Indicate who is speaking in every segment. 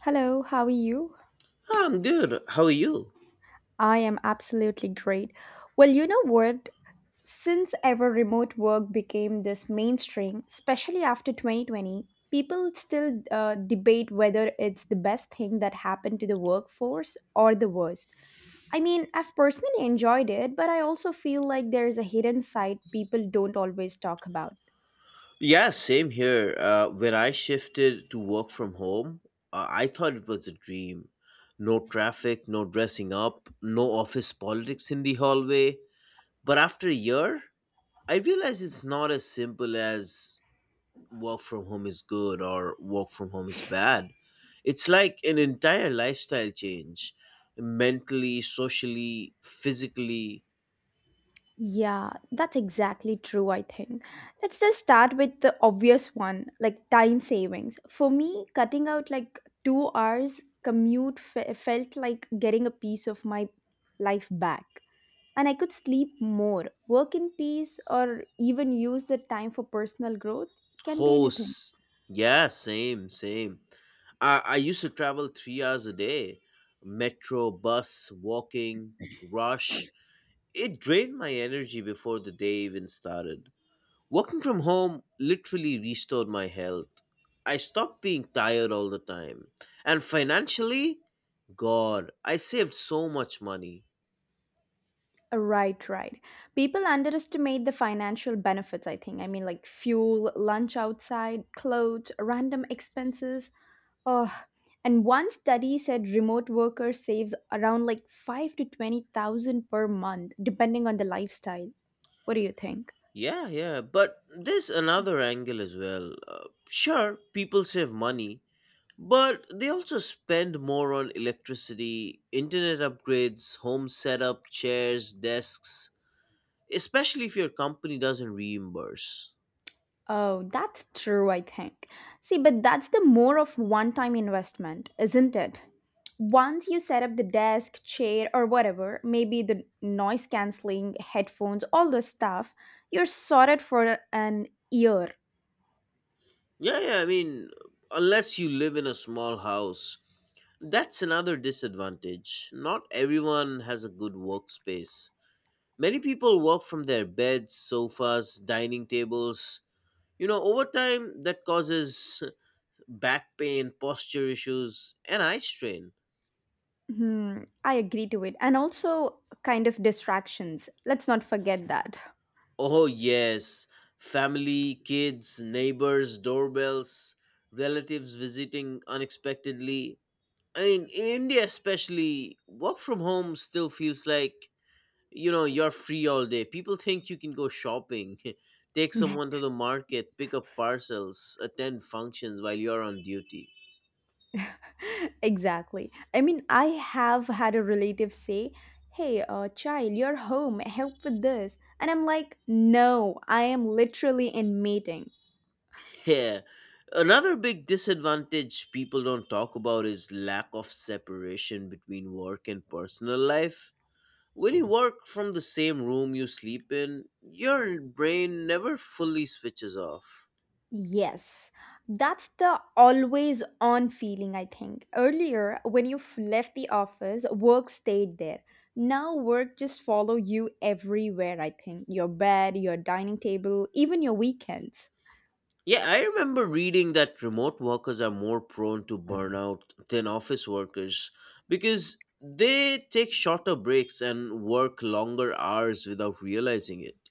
Speaker 1: Hello, how are you?
Speaker 2: I'm good. How are you?
Speaker 1: I am absolutely great. Well, you know what? Since ever remote work became this mainstream, especially after 2020, people still debate whether it's the best thing that happened to the workforce or the worst. I mean, I've personally enjoyed it, but I also feel like there's a hidden side people don't always talk about.
Speaker 2: Yeah, same here. When I shifted to work from home, I thought it was a dream. No traffic, no dressing up, no office politics in the hallway. But after a year, I realized it's not as simple as work from home is good or work from home is bad. It's like an entire lifestyle change mentally, socially, physically.
Speaker 1: Yeah, that's exactly true, I think. Let's just start with the obvious one, like time savings. For me, cutting out like 2 hours commute felt like getting a piece of my life back. And I could sleep more, work in peace, or even use the time for personal growth. Can be
Speaker 2: Oh,
Speaker 1: anything.
Speaker 2: s- yeah, same. I used to travel 3 hours a day metro, bus, walking, rush. It drained my energy before the day even started. Working from home literally restored my health. I stopped being tired all the time. And financially, God, I saved so much money.
Speaker 1: Right, right. People underestimate the financial benefits, I think. I mean, like fuel, lunch outside, clothes, random expenses. Oh, and one study said remote worker saves around like 5 to 20 thousand per month, depending on the lifestyle. What do you think?
Speaker 2: Yeah, yeah, but there's another angle as well. Sure, people save money, but they also spend more on electricity, internet upgrades, home setup, chairs, desks, especially if your company doesn't reimburse.
Speaker 1: Oh, that's true, I think. See, but that's the more of one time investment, isn't it? Once you set up the desk, chair, or whatever, maybe the noise cancelling, headphones, all the stuff, you're sorted for an year.
Speaker 2: Yeah, yeah, I mean, unless you live in a small house, that's another disadvantage. Not everyone has a good workspace. Many people work from their beds, sofas, dining tables. Over time, that causes back pain, posture issues, and eye strain.
Speaker 1: Hmm, I agree to it. And also, kind of distractions. Let's not forget that.
Speaker 2: Oh, yes. Family, kids, neighbors, doorbells, relatives visiting unexpectedly. I mean, in India, especially, work from home still feels like, you're free all day. People think you can go shopping, take someone to the market, pick up parcels, attend functions while you're on duty.
Speaker 1: Exactly. I mean, I have had a relative say, hey, child, you're home, help with this. And I'm like, no, I am literally in meeting.
Speaker 2: Yeah. Another big disadvantage people don't talk about is lack of separation between work and personal life. When you work from the same room you sleep in, your brain never fully switches off.
Speaker 1: Yes, that's the always on feeling, I think. Earlier, when you left the office, work stayed there. Now, work just follow you everywhere, I think. Your bed, your dining table, even your weekends.
Speaker 2: Yeah, I remember reading that remote workers are more prone to burnout than office workers because they take shorter breaks and work longer hours without realizing it.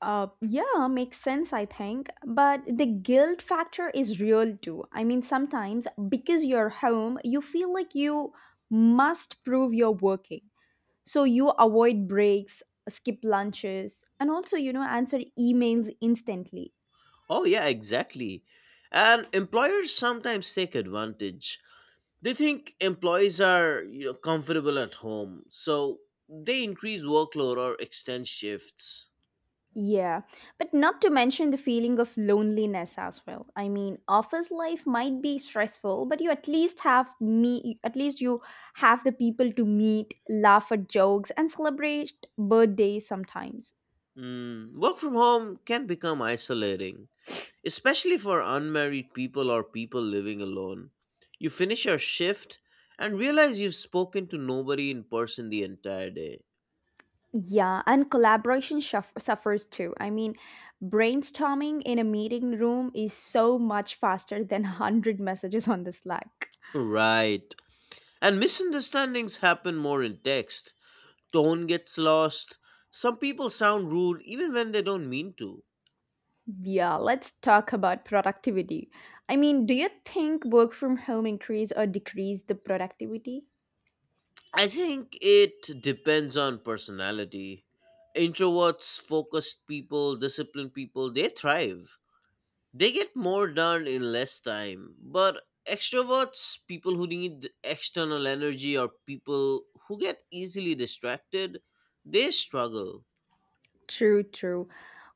Speaker 1: Yeah, makes sense, I think. But the guilt factor is real too. I mean, sometimes because you're home, you feel like you must prove you're working. So you avoid breaks, skip lunches, and also answer emails instantly.
Speaker 2: Oh, yeah, exactly. And employers sometimes take advantage. They think employees are, comfortable at home, so they increase workload or extend shifts.
Speaker 1: Yeah, but not to mention the feeling of loneliness as well. I mean, office life might be stressful but you at least have me, at least you have the people to meet, laugh at jokes, and celebrate birthdays sometimes.
Speaker 2: Mm, work from home can become isolating, especially for unmarried people or people living alone. You finish your shift and realize you've spoken to nobody in person the entire day.
Speaker 1: Yeah, and collaboration suffers too. I mean, brainstorming in a meeting room is so much faster than 100 messages on the slack.
Speaker 2: Right. And misunderstandings happen more in text. Tone gets lost. Some people sound rude even when they don't mean to.
Speaker 1: Yeah, let's talk about productivity. I mean, do you think work from home increase or decrease the productivity?
Speaker 2: I think it depends on personality. Introverts, focused people, disciplined people, they thrive. They get more done in less time, but extroverts, people who need external energy or people who get easily distracted, they struggle.
Speaker 1: True, true.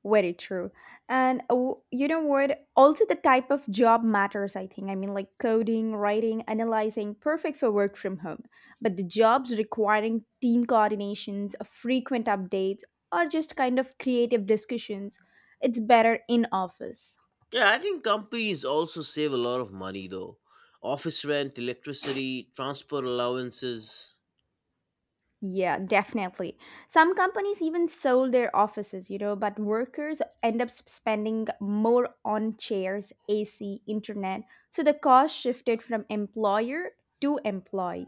Speaker 1: Very true. And you know what? Also, the type of job matters, I think. I mean, like coding, writing, analyzing, perfect for work from home. But the jobs requiring team coordinations, frequent updates, or just kind of creative discussions, it's better in office.
Speaker 2: Yeah, I think companies also save a lot of money though. Office rent, electricity, transport allowances.
Speaker 1: Yeah, definitely. Some companies even sold their offices, you know, but workers end up spending more on chairs, AC, internet. So the cost shifted from employer to employee.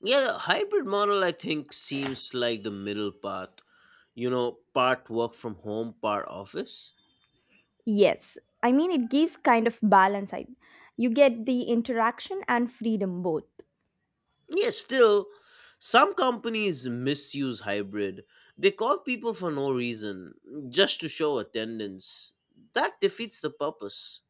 Speaker 2: Yeah, the hybrid model I think seems like the middle path. Part work from home, part office.
Speaker 1: Yes, I mean, it gives kind of balance. You get the interaction and freedom both.
Speaker 2: Yes, still, some companies misuse hybrid. They call people for no reason, just to show attendance. That defeats the purpose.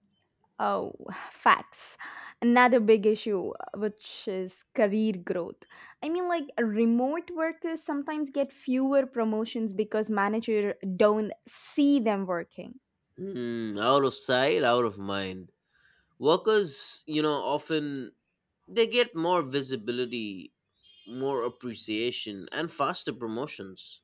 Speaker 1: Oh, facts. Another big issue, which is career growth. I mean, like remote workers sometimes get fewer promotions because manager don't see them working.
Speaker 2: Hmm, out of sight, out of mind. Workers, often they get more visibility, more appreciation, and faster promotions.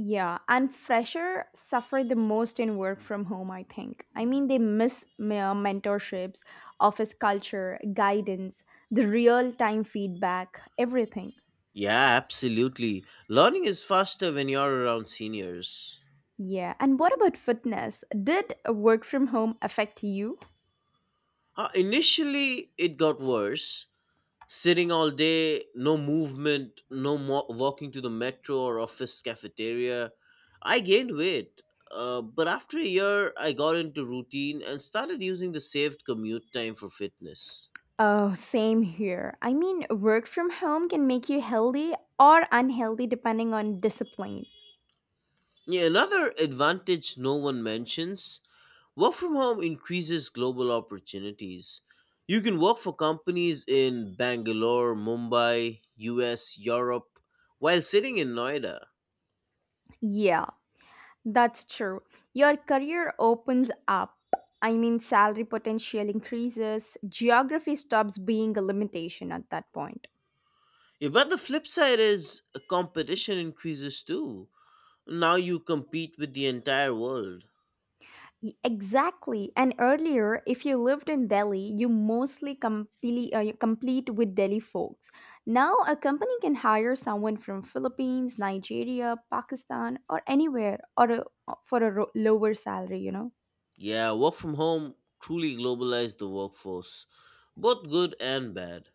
Speaker 1: Yeah, and fresher suffer the most in work from home, I think. I mean, they miss mentorships, office culture, guidance, the real time feedback, everything.
Speaker 2: Yeah, absolutely. Learning is faster when you're around seniors.
Speaker 1: Yeah, and what about fitness? Did work from home affect you?
Speaker 2: Initially, it got worse sitting all day, no movement, no mo- walking to the metro or office cafeteria. I gained weight, but after a year, I got into routine and started using the saved commute time for fitness.
Speaker 1: Oh, same here. I mean, work from home can make you healthy or unhealthy depending on discipline.
Speaker 2: Yeah, another advantage no one mentions work from home increases global opportunities. You can work for companies in Bangalore, Mumbai, US, Europe, while sitting in Noida.
Speaker 1: Yeah, that's true. Your career opens up. I mean, salary potential increases. Geography stops being a limitation at that point.
Speaker 2: Yeah, but the flip side is competition increases too. Now you compete with the entire world.
Speaker 1: Exactly. And earlier, if you lived in Delhi, you mostly you complete with Delhi folks. Now, a company can hire someone from Philippines, Nigeria, Pakistan, or anywhere, or for a lower salary, you know.
Speaker 2: Yeah, work from home truly globalized the workforce, both good and bad.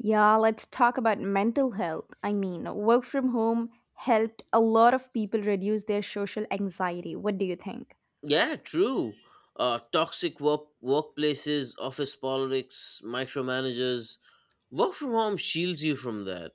Speaker 1: Yeah, let's talk about mental health. I mean, work from home helped a lot of people reduce their social anxiety. What do you think?
Speaker 2: Yeah, true. Toxic workplaces, office politics, micromanagers. Work from home shields you from that.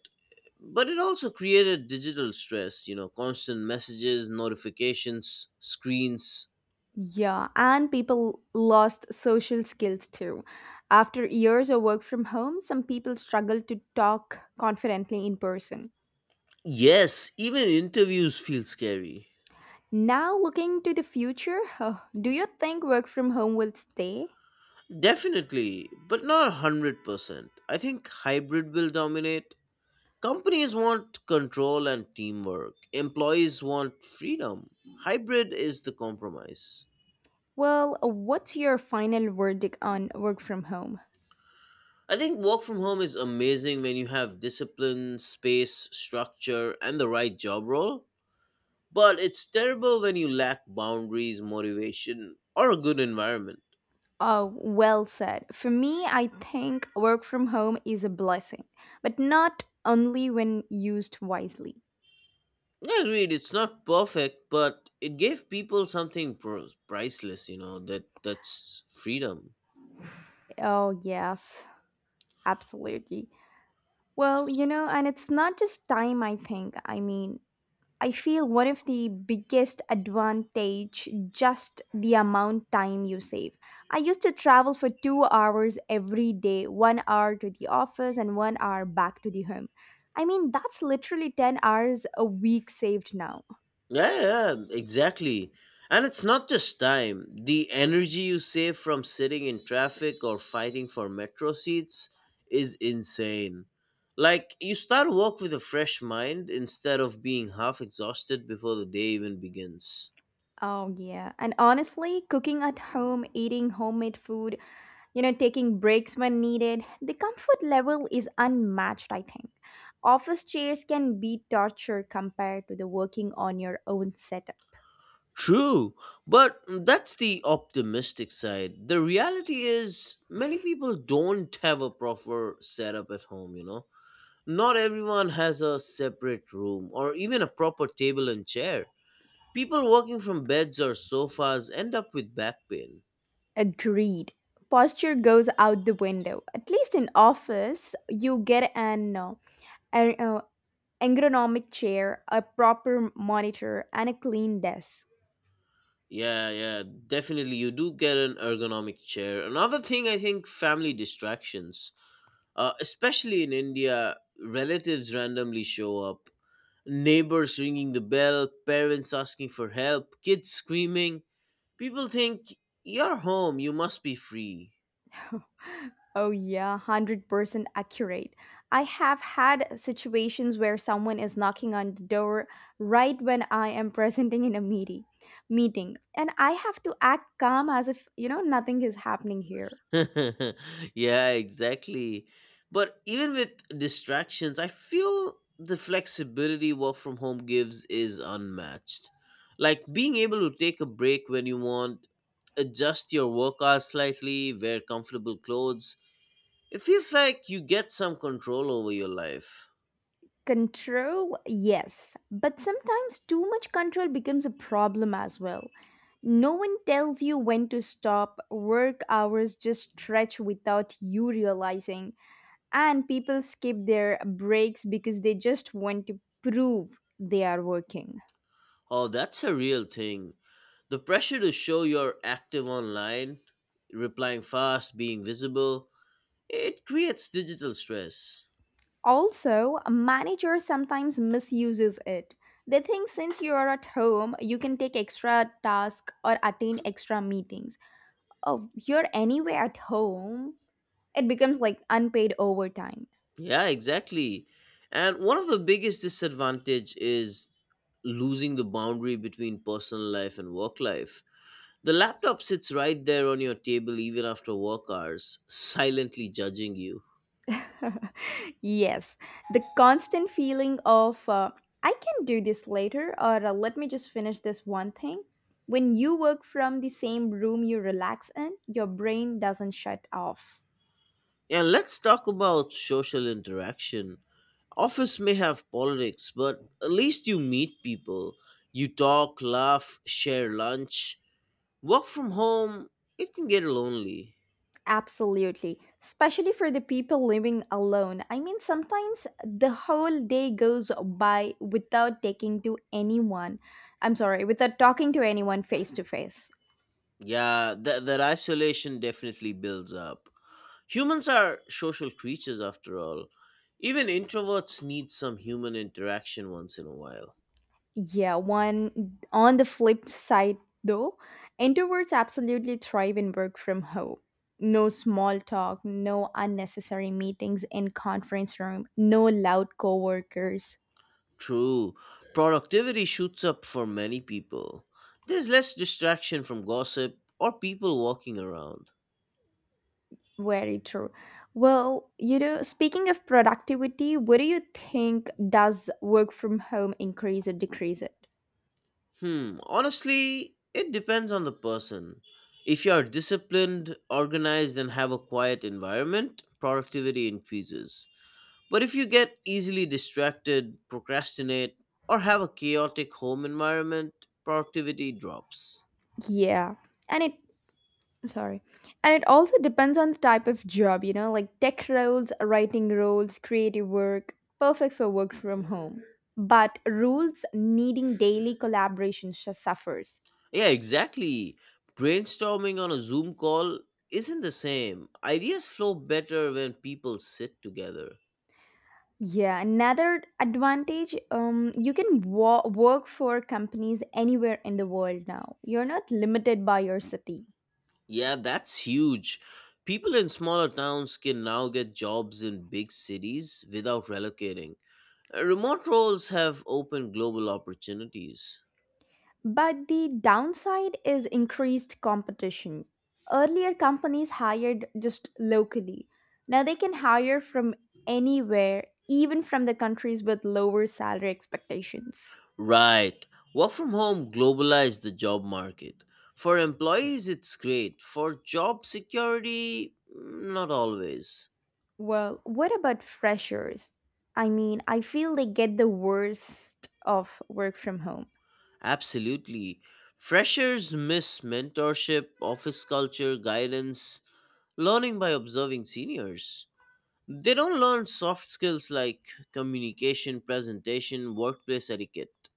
Speaker 2: But it also created digital stress, constant messages, notifications, screens.
Speaker 1: Yeah, and people lost social skills too. After years of work from home, some people struggled to talk confidently in person.
Speaker 2: Yes, even interviews feel scary.
Speaker 1: Now, looking to the future, huh, do you think work from home will stay?
Speaker 2: Definitely, but not 100%. I think hybrid will dominate. Companies want control and teamwork, employees want freedom. Hybrid is the compromise.
Speaker 1: Well, what's your final verdict on work from home?
Speaker 2: I think work from home is amazing when you have discipline, space, structure, and the right job role, but it's terrible when you lack boundaries, motivation, or a good environment.
Speaker 1: Oh, well said. For me, I think work from home is a blessing, but not only when used wisely.
Speaker 2: I agreed. It's not perfect, but it gave people something priceless. That's freedom.
Speaker 1: Oh, yes, absolutely. Well, you know, and it's not just time, I think. I mean, I feel one of the biggest advantage just the amount time you save. I used to travel for 2 hours every day, 1 hour to the office and 1 hour back to the home. I mean, that's literally 10 hours a week saved now.
Speaker 2: Yeah, yeah, exactly. And it's not just time. The energy you save from sitting in traffic or fighting for metro seats is insane. Like you start work with a fresh mind instead of being half exhausted before the day even begins.
Speaker 1: Oh, yeah. And honestly, cooking at home, eating homemade food, taking breaks when needed, the comfort level is unmatched, I think. Office chairs can be torture compared to the working on your own setup.
Speaker 2: True, but that's the optimistic side. The reality is, many people don't have a proper setup at home, Not everyone has a separate room or even a proper table and chair. People working from beds or sofas end up with back pain.
Speaker 1: Agreed. Posture goes out the window. At least in office you get an ergonomic chair, a proper monitor, and a clean desk.
Speaker 2: Yeah, yeah, definitely. You do get an ergonomic chair. Another thing I think family distractions. Especially in India, relatives randomly show up, neighbors ringing the bell, parents asking for help, kids screaming. People think, you're home, you must be free.
Speaker 1: Oh, yeah, 100% accurate. I have had situations where someone is knocking on the door right when I am presenting in a meeting, and I have to act calm as if, you know, nothing is happening here.
Speaker 2: Yeah, exactly. But even with distractions, I feel the flexibility work from home gives is unmatched. Like being able to take a break when you want, adjust your work hours slightly, wear comfortable clothes, it feels like you get some control over your life.
Speaker 1: Control, yes, but sometimes too much control becomes a problem as well. No one tells you when to stop. Work hours just stretch without you realizing. And people skip their breaks because they just want to prove they are working.
Speaker 2: Oh, that's a real thing. The pressure to show you're active online, replying fast, being visible, it creates digital stress.
Speaker 1: Also, a manager sometimes misuses it. They think since you are at home, you can take extra tasks or attend extra meetings. Oh, you're anyway at home. It becomes like unpaid overtime.
Speaker 2: Yeah, exactly. And one of the biggest disadvantage is losing the boundary between personal life and work life. The laptop sits right there on your table even after work hours, silently judging you.
Speaker 1: Yes, the constant feeling of I can do this later or let me just finish this one thing. When you work from the same room you relax in, your brain doesn't shut off.
Speaker 2: Yeah, let's talk about social interaction. Office may have politics, but at least you meet people. You talk, laugh, share lunch. Work from home, it can get lonely.
Speaker 1: Absolutely. Especially for the people living alone. I mean, sometimes the whole day goes by without taking to anyone. I'm sorry, without talking to anyone face to face.
Speaker 2: Yeah, that isolation definitely builds up. Humans are social creatures after all. Even introverts need some human interaction once in a while.
Speaker 1: Yeah, one on the flip side though, introverts absolutely thrive in work from home. No small talk, no unnecessary meetings in conference room, no loud coworkers.
Speaker 2: True. Productivity shoots up for many people. There's less distraction from gossip or people walking around.
Speaker 1: Very true. Well, you know, speaking of productivity, what do you think, does work from home increase or decrease it?
Speaker 2: Hmm, honestly, it depends on the person. If you are disciplined, organized, and have a quiet environment, productivity increases. But if you get easily distracted, procrastinate, or have a chaotic home environment, productivity drops.
Speaker 1: Yeah. And it sorry and it also depends on the type of job, you know, like tech roles, writing roles, creative work, perfect for work from home, but rules needing daily collaboration suffers.
Speaker 2: Yeah, exactly. Brainstorming on a Zoom call isn't the same. Ideas flow better when people sit together.
Speaker 1: Yeah, another advantage, you can work for companies anywhere in the world now. You're not limited by your city.
Speaker 2: Yeah, that's huge. People in smaller towns can now get jobs in big cities without relocating. Remote roles have opened global opportunities.
Speaker 1: But the downside is increased competition. Earlier, companies hired just locally. Now they can hire from anywhere, even from the countries with lower salary expectations.
Speaker 2: Right. Work from home globalized the job market. For employees, it's great. For job security, mm, not always.
Speaker 1: Well, what about freshers? I mean, I feel they get the worst of work from home.
Speaker 2: Absolutely. Freshers miss mentorship, office culture, guidance, learning by observing seniors. They don't learn soft skills like communication, presentation, workplace etiquette,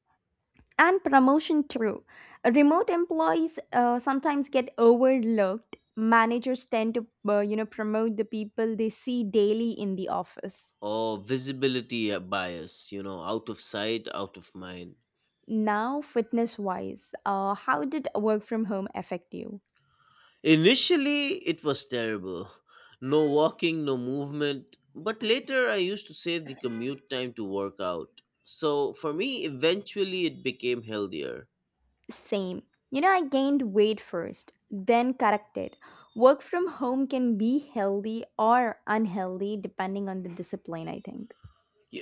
Speaker 1: And promotion too. Remote employees sometimes get overlooked. Managers tend to, you know, promote the people they see daily in the office.
Speaker 2: or visibility bias, out of sight, out of mind.
Speaker 1: Now, fitness wise, how did work from home affect you?
Speaker 2: Initially, it was terrible. No walking, no movement. But later, I used to save the commute time to work out. So for me, eventually, it became healthier.
Speaker 1: Same. You know, I gained weight first, then corrected. Work from home can be healthy or unhealthy depending on the discipline, I think.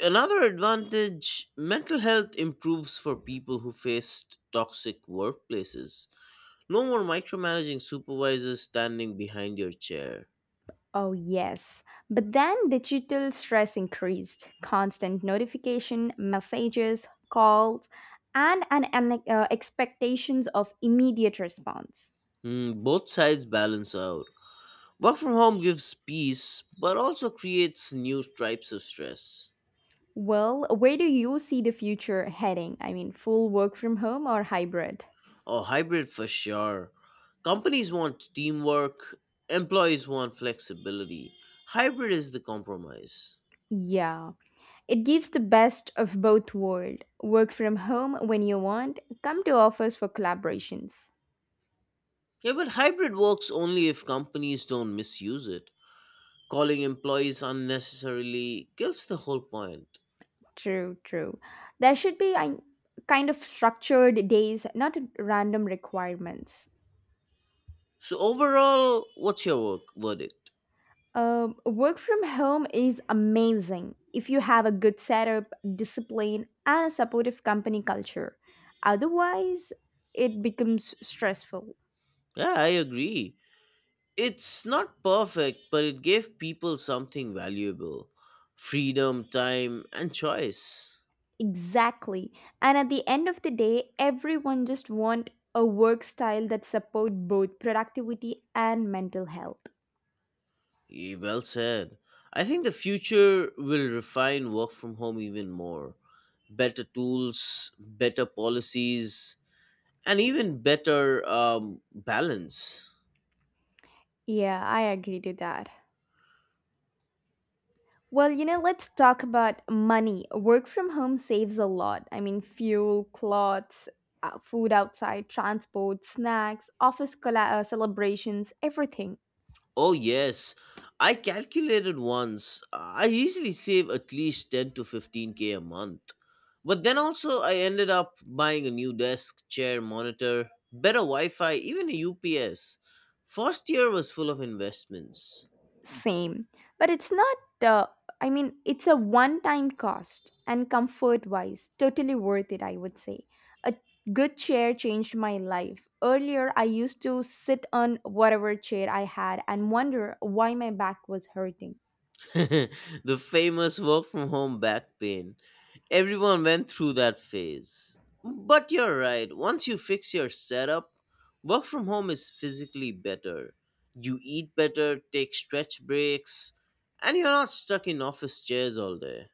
Speaker 2: Another advantage mental health improves for people who faced toxic workplaces. No more micromanaging supervisors standing behind your chair.
Speaker 1: Oh, yes. But then digital stress increased. Constant notification, messages, calls, and an expectations of immediate response.
Speaker 2: Hmm, both sides balance out. Work from home gives peace, but also creates new types of stress.
Speaker 1: Well, where do you see the future heading? I mean, full work from home or hybrid?
Speaker 2: Oh, hybrid for sure. Companies want teamwork, employees want flexibility. Hybrid is the compromise.
Speaker 1: Yeah, it gives the best of both worlds. Work from home when you want, come to office for collaborations.
Speaker 2: Yeah, but hybrid works only if companies don't misuse it. Calling employees unnecessarily kills the whole point.
Speaker 1: True, true. There should be a kind of structured days, not random requirements.
Speaker 2: So, overall, what's your work verdict?
Speaker 1: Work from home is amazing if you have a good setup, discipline, and a supportive company culture. Otherwise, it becomes stressful.
Speaker 2: Yeah, I agree. It's not perfect, but it gave people something valuable freedom, time, and choice.
Speaker 1: Exactly. And at the end of the day, everyone just want a work style that support both productivity and mental health.
Speaker 2: Yeah, well said. I think the future will refine work from home even more. Better tools, better policies, and even better balance.
Speaker 1: Yeah, I agree to that. Well, you know, let's talk about money. Work from home saves a lot. I mean, fuel, clothes, food outside, transport, snacks, office celebrations, everything.
Speaker 2: Oh, yes. I calculated once. I easily save at least 10 to 15k a month. But then also, I ended up buying a new desk, chair, monitor, better Wi Fi, even a UPS. First year was full of investments.
Speaker 1: Same. But it's not, uh, I mean, it's a one time cost and comfort wise, totally worth it, I would say. A good chair changed my life. Earlier, I used to sit on whatever chair I had and wonder why my back was hurting.
Speaker 2: The famous work from home back pain. Everyone went through that phase. But you're right, once you fix your setup, work from home is physically better. You eat better, take stretch breaks, and you're not stuck in office chairs all day.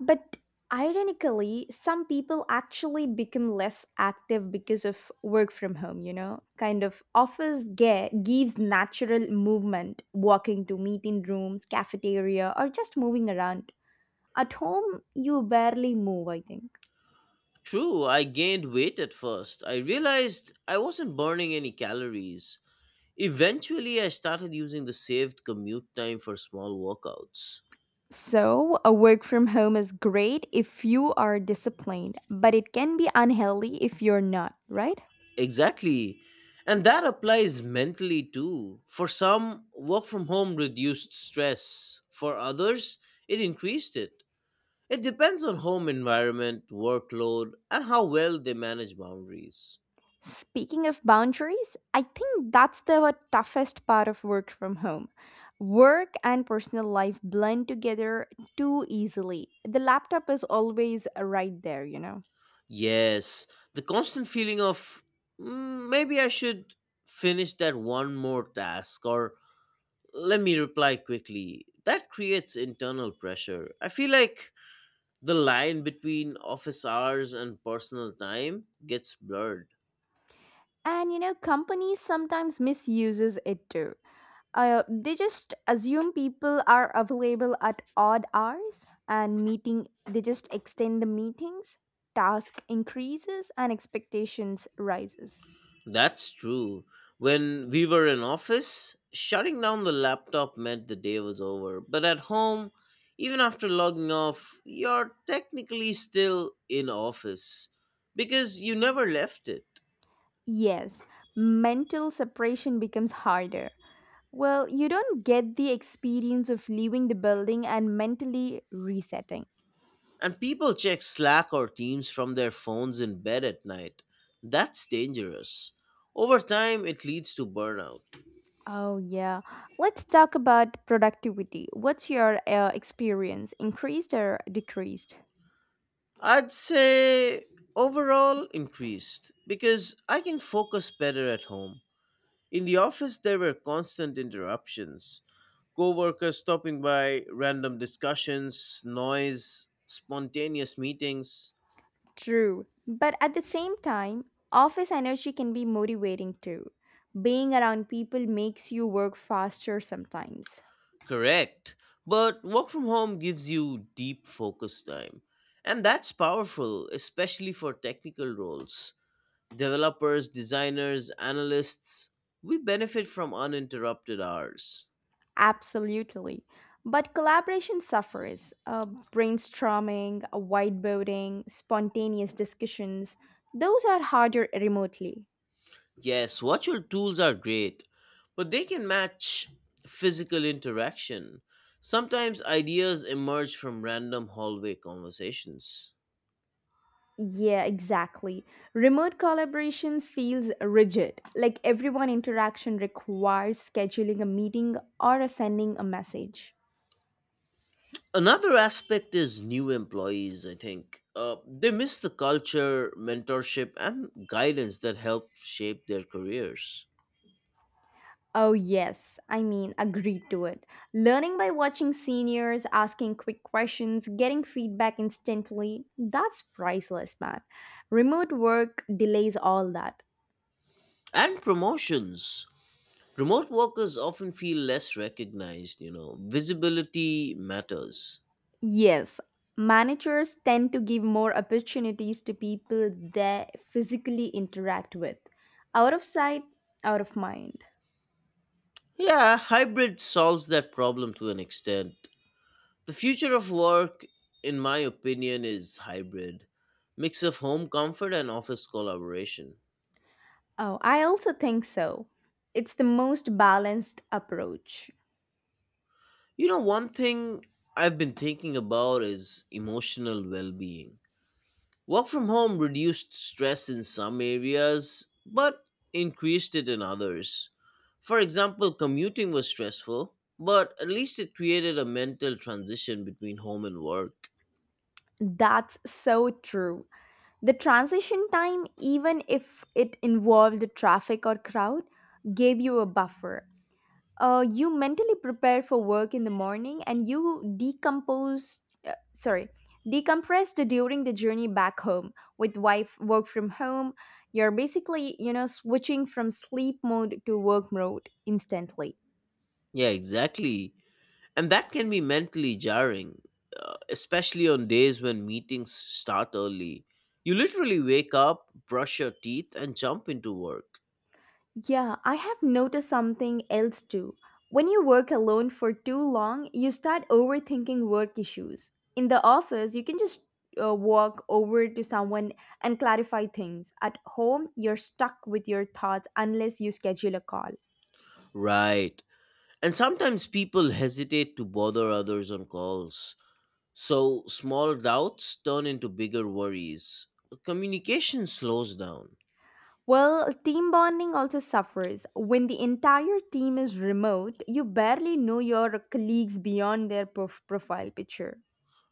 Speaker 1: But ironically, some people actually become less active because of work from home, you know? Kind of office gives natural movement, walking to meeting rooms, cafeteria, or just moving around. At home, you barely move, I think.
Speaker 2: True, I gained weight at first. I realized I wasn't burning any calories. Eventually, I started using the saved commute time for small workouts.
Speaker 1: So, a work from home is great if you are disciplined, but it can be unhealthy if you're not, right?
Speaker 2: Exactly. And that applies mentally too. For some, work from home reduced stress. For others, it increased it. It depends on home environment, workload, and how well they manage boundaries.
Speaker 1: Speaking of boundaries, I think that's the toughest part of work from home. Work and personal life blend together too easily. The laptop is always right there, you know.
Speaker 2: Yes, the constant feeling of "Mm, maybe I should finish that one more task or let me reply quickly." That creates internal pressure. I feel like the line between office hours and personal time gets blurred.
Speaker 1: And you know companies sometimes misuses it too. They just assume people are available at odd hours and meeting they just extend the meetings, task increases and expectations rises.
Speaker 2: That's true. When we were in office, shutting down the laptop meant the day was over. But at home, even after logging off, you're technically still in office because you never left it.
Speaker 1: Yes, mental separation becomes harder. Well, you don't get the experience of leaving the building and mentally resetting.
Speaker 2: And people check Slack or Teams from their phones in bed at night. That's dangerous. Over time, it leads to burnout.
Speaker 1: Oh, yeah. Let's talk about productivity. What's your experience? Increased or decreased?
Speaker 2: I'd say overall increased because I can focus better at home. In the office, there were constant interruptions, coworkers stopping by, random discussions, noise, spontaneous meetings.
Speaker 1: True. But at the same time, office energy can be motivating too. Being around people makes you work faster sometimes.
Speaker 2: Correct. But work from home gives you deep focus time. And that's powerful, especially for technical roles. Developers, designers, analysts, we benefit from uninterrupted hours.
Speaker 1: Absolutely. But collaboration suffers. Brainstorming, whiteboarding, spontaneous discussions, those are harder remotely.
Speaker 2: Yes, virtual tools are great, but they can match physical interaction. Sometimes ideas emerge from random hallway conversations.
Speaker 1: Yeah, exactly. Remote collaborations feels rigid, like everyone interaction requires scheduling a meeting or a sending a message.
Speaker 2: Another aspect is new employees, I think. They miss the culture, mentorship, and guidance that help shape their careers.
Speaker 1: Oh, yes. I mean, agreed to it. Learning by watching seniors, asking quick questions, getting feedback instantly, that's priceless, man. Remote work delays all that.
Speaker 2: And promotions. Remote workers often feel less recognized. Visibility matters.
Speaker 1: Yes, managers tend to give more opportunities to people they physically interact with. Out of sight, out of mind.
Speaker 2: Yeah, hybrid solves that problem to an extent. The future of work, in my opinion, is hybrid mix of home comfort and office collaboration.
Speaker 1: Oh, I also think so. It's the most balanced approach.
Speaker 2: You know, one thing I've been thinking about is emotional well being. Work from home reduced stress in some areas, but increased it in others. For example, commuting was stressful, but at least it created a mental transition between home and work.
Speaker 1: That's so true. The transition time, even if it involved the traffic or crowd, gave you a buffer. You mentally prepare for work in the morning and you decompose, sorry, decompressed during the journey back home with wife work from home. You're basically, you know, switching from sleep mode to work mode instantly.
Speaker 2: Yeah, exactly. And that can be mentally jarring, especially on days when meetings start early. You literally wake up, brush your teeth, and jump into work.
Speaker 1: Yeah, I have noticed something else too. When you work alone for too long, you start overthinking work issues. In the office, you can just walk over to someone and clarify things. At home, you're stuck with your thoughts unless you schedule a call.
Speaker 2: Right. And sometimes people hesitate to bother others on calls. So small doubts turn into bigger worries. Communication slows down.
Speaker 1: Well, team bonding also suffers. When the entire team is remote, you barely know your colleagues beyond their profile picture.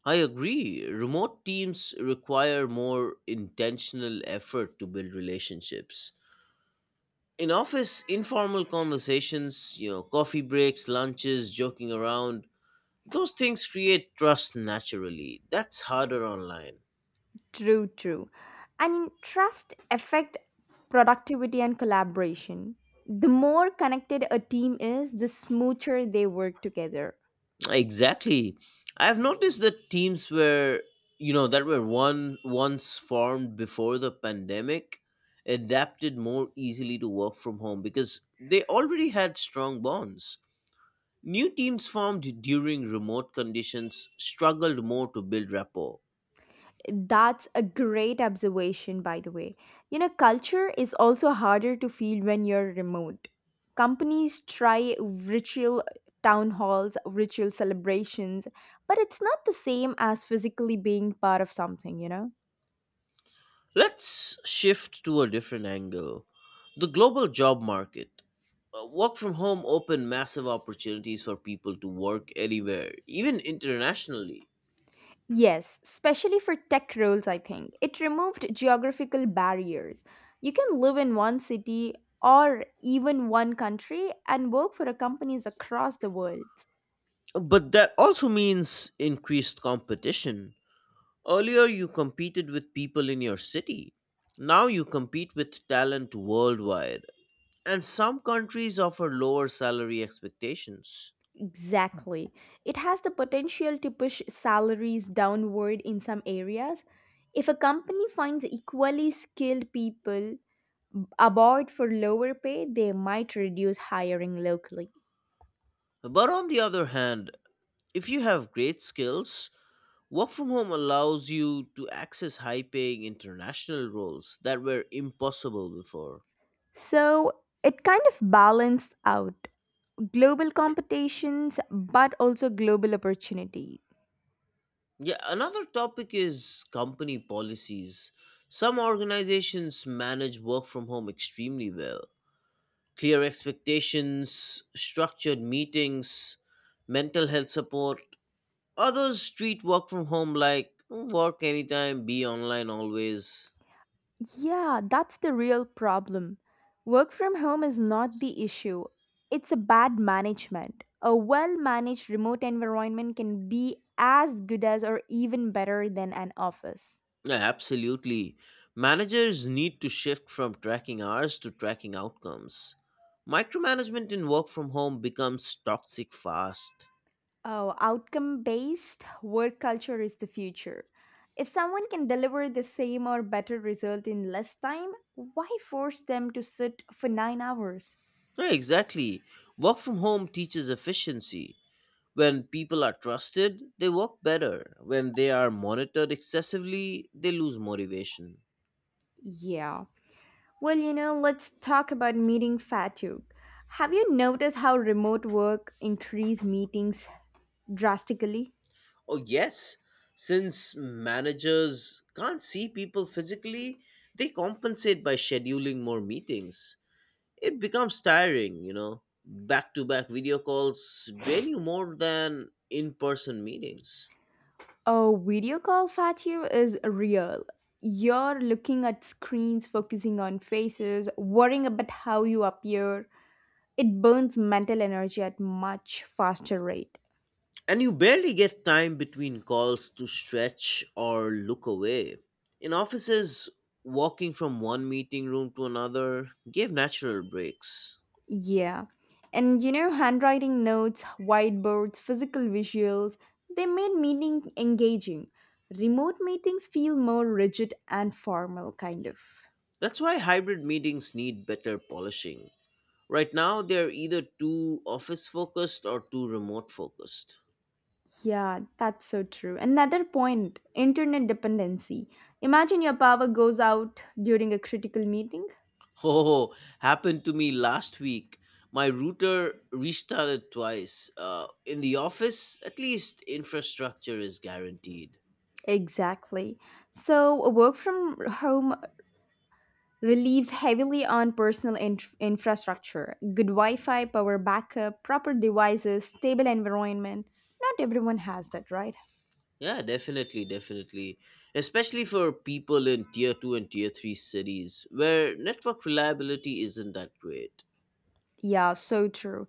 Speaker 2: I agree. Remote teams require more intentional effort to build relationships. In office informal conversations, coffee breaks, lunches, joking around, those things create trust naturally. That's harder online.
Speaker 1: True, true. And trust affect productivity and collaboration. The more connected a team is, the smoother they work together.
Speaker 2: Exactly. I've noticed that teams were you know that were one once formed before the pandemic adapted more easily to work from home because they already had strong bonds. New teams formed during remote conditions struggled more to build rapport.
Speaker 1: That's a great observation, by the way. You know, culture is also harder to feel when you're remote. Companies try ritual town halls, ritual celebrations, but it's not the same as physically being part of something, you know?
Speaker 2: Let's shift to a different angle, the global job market. Work from home opened massive opportunities for people to work anywhere, even internationally.
Speaker 1: Yes, especially for tech roles, I think. It removed geographical barriers. You can live in one city or even one country and work for a companies across the world.
Speaker 2: But that also means increased competition. Earlier, you competed with people in your city. Now, you compete with talent worldwide. And some countries offer lower salary expectations.
Speaker 1: Exactly. It has the potential to push salaries downward in some areas. If a company finds equally skilled people aboard for lower pay, they might reduce hiring locally.
Speaker 2: But on the other hand, if you have great skills, work from home allows you to access high paying international roles that were impossible before.
Speaker 1: So it kind of balanced out. Global competitions but also global opportunity.
Speaker 2: Yeah, another topic is company policies. Some organizations manage work from home extremely well. Clear expectations, structured meetings, mental health support. Others treat work from home like, "Mm, work anytime, be online always."
Speaker 1: Yeah, that's the real problem. Work from home is not the issue, it's a bad management. A well managed remote environment can be as good as or even better than an office.
Speaker 2: Yeah, absolutely. Managers need to shift from tracking hours to tracking outcomes. Micromanagement in work from home becomes toxic fast.
Speaker 1: Oh, outcome based work culture is the future. If someone can deliver the same or better result in less time, why force them to sit for 9 hours?
Speaker 2: Yeah, exactly. Work from home teaches efficiency. When people are trusted, they work better. When they are monitored excessively, they lose motivation.
Speaker 1: Yeah. Well, you know, let's talk about meeting fatigue. Have you noticed how remote work increase meetings drastically?
Speaker 2: Oh, yes, since managers can't see people physically, they compensate by scheduling more meetings. It becomes tiring. Back to back video calls drain you more than in person meetings.
Speaker 1: Oh, video call fatigue is real. You're looking at screens, focusing on faces, worrying about how you appear, it burns mental energy at much faster rate.
Speaker 2: And you barely get time between calls to stretch or look away. In offices, walking from one meeting room to another gave natural breaks.
Speaker 1: Yeah, and you know handwriting notes, whiteboards, physical visuals, they made meeting engaging. Remote meetings feel more rigid and formal, kind of.
Speaker 2: That's why hybrid meetings need better polishing. Right now, they're either too office focused or too remote focused.
Speaker 1: Yeah, that's so true. Another point, internet dependency. Imagine your power goes out during a critical meeting.
Speaker 2: Oh, happened to me last week. My router restarted twice. In the office, at least infrastructure is guaranteed.
Speaker 1: Exactly. So a work from home relieves heavily on personal infrastructure, good Wi-Fi, power backup, proper devices, stable environment. Not everyone has that, right?
Speaker 2: Yeah, definitely, definitely. Especially for people in tier 2 and tier 3 cities where network reliability isn't that great.
Speaker 1: Yeah, so true.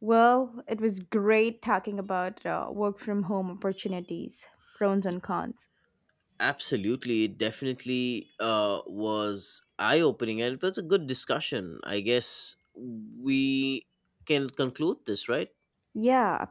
Speaker 1: Well, it was great talking about work from home opportunities, pros
Speaker 2: Y-
Speaker 1: and cons.
Speaker 2: Absolutely, it definitely was eye opening and it was a good discussion. I guess we can conclude this, right?
Speaker 1: Yeah,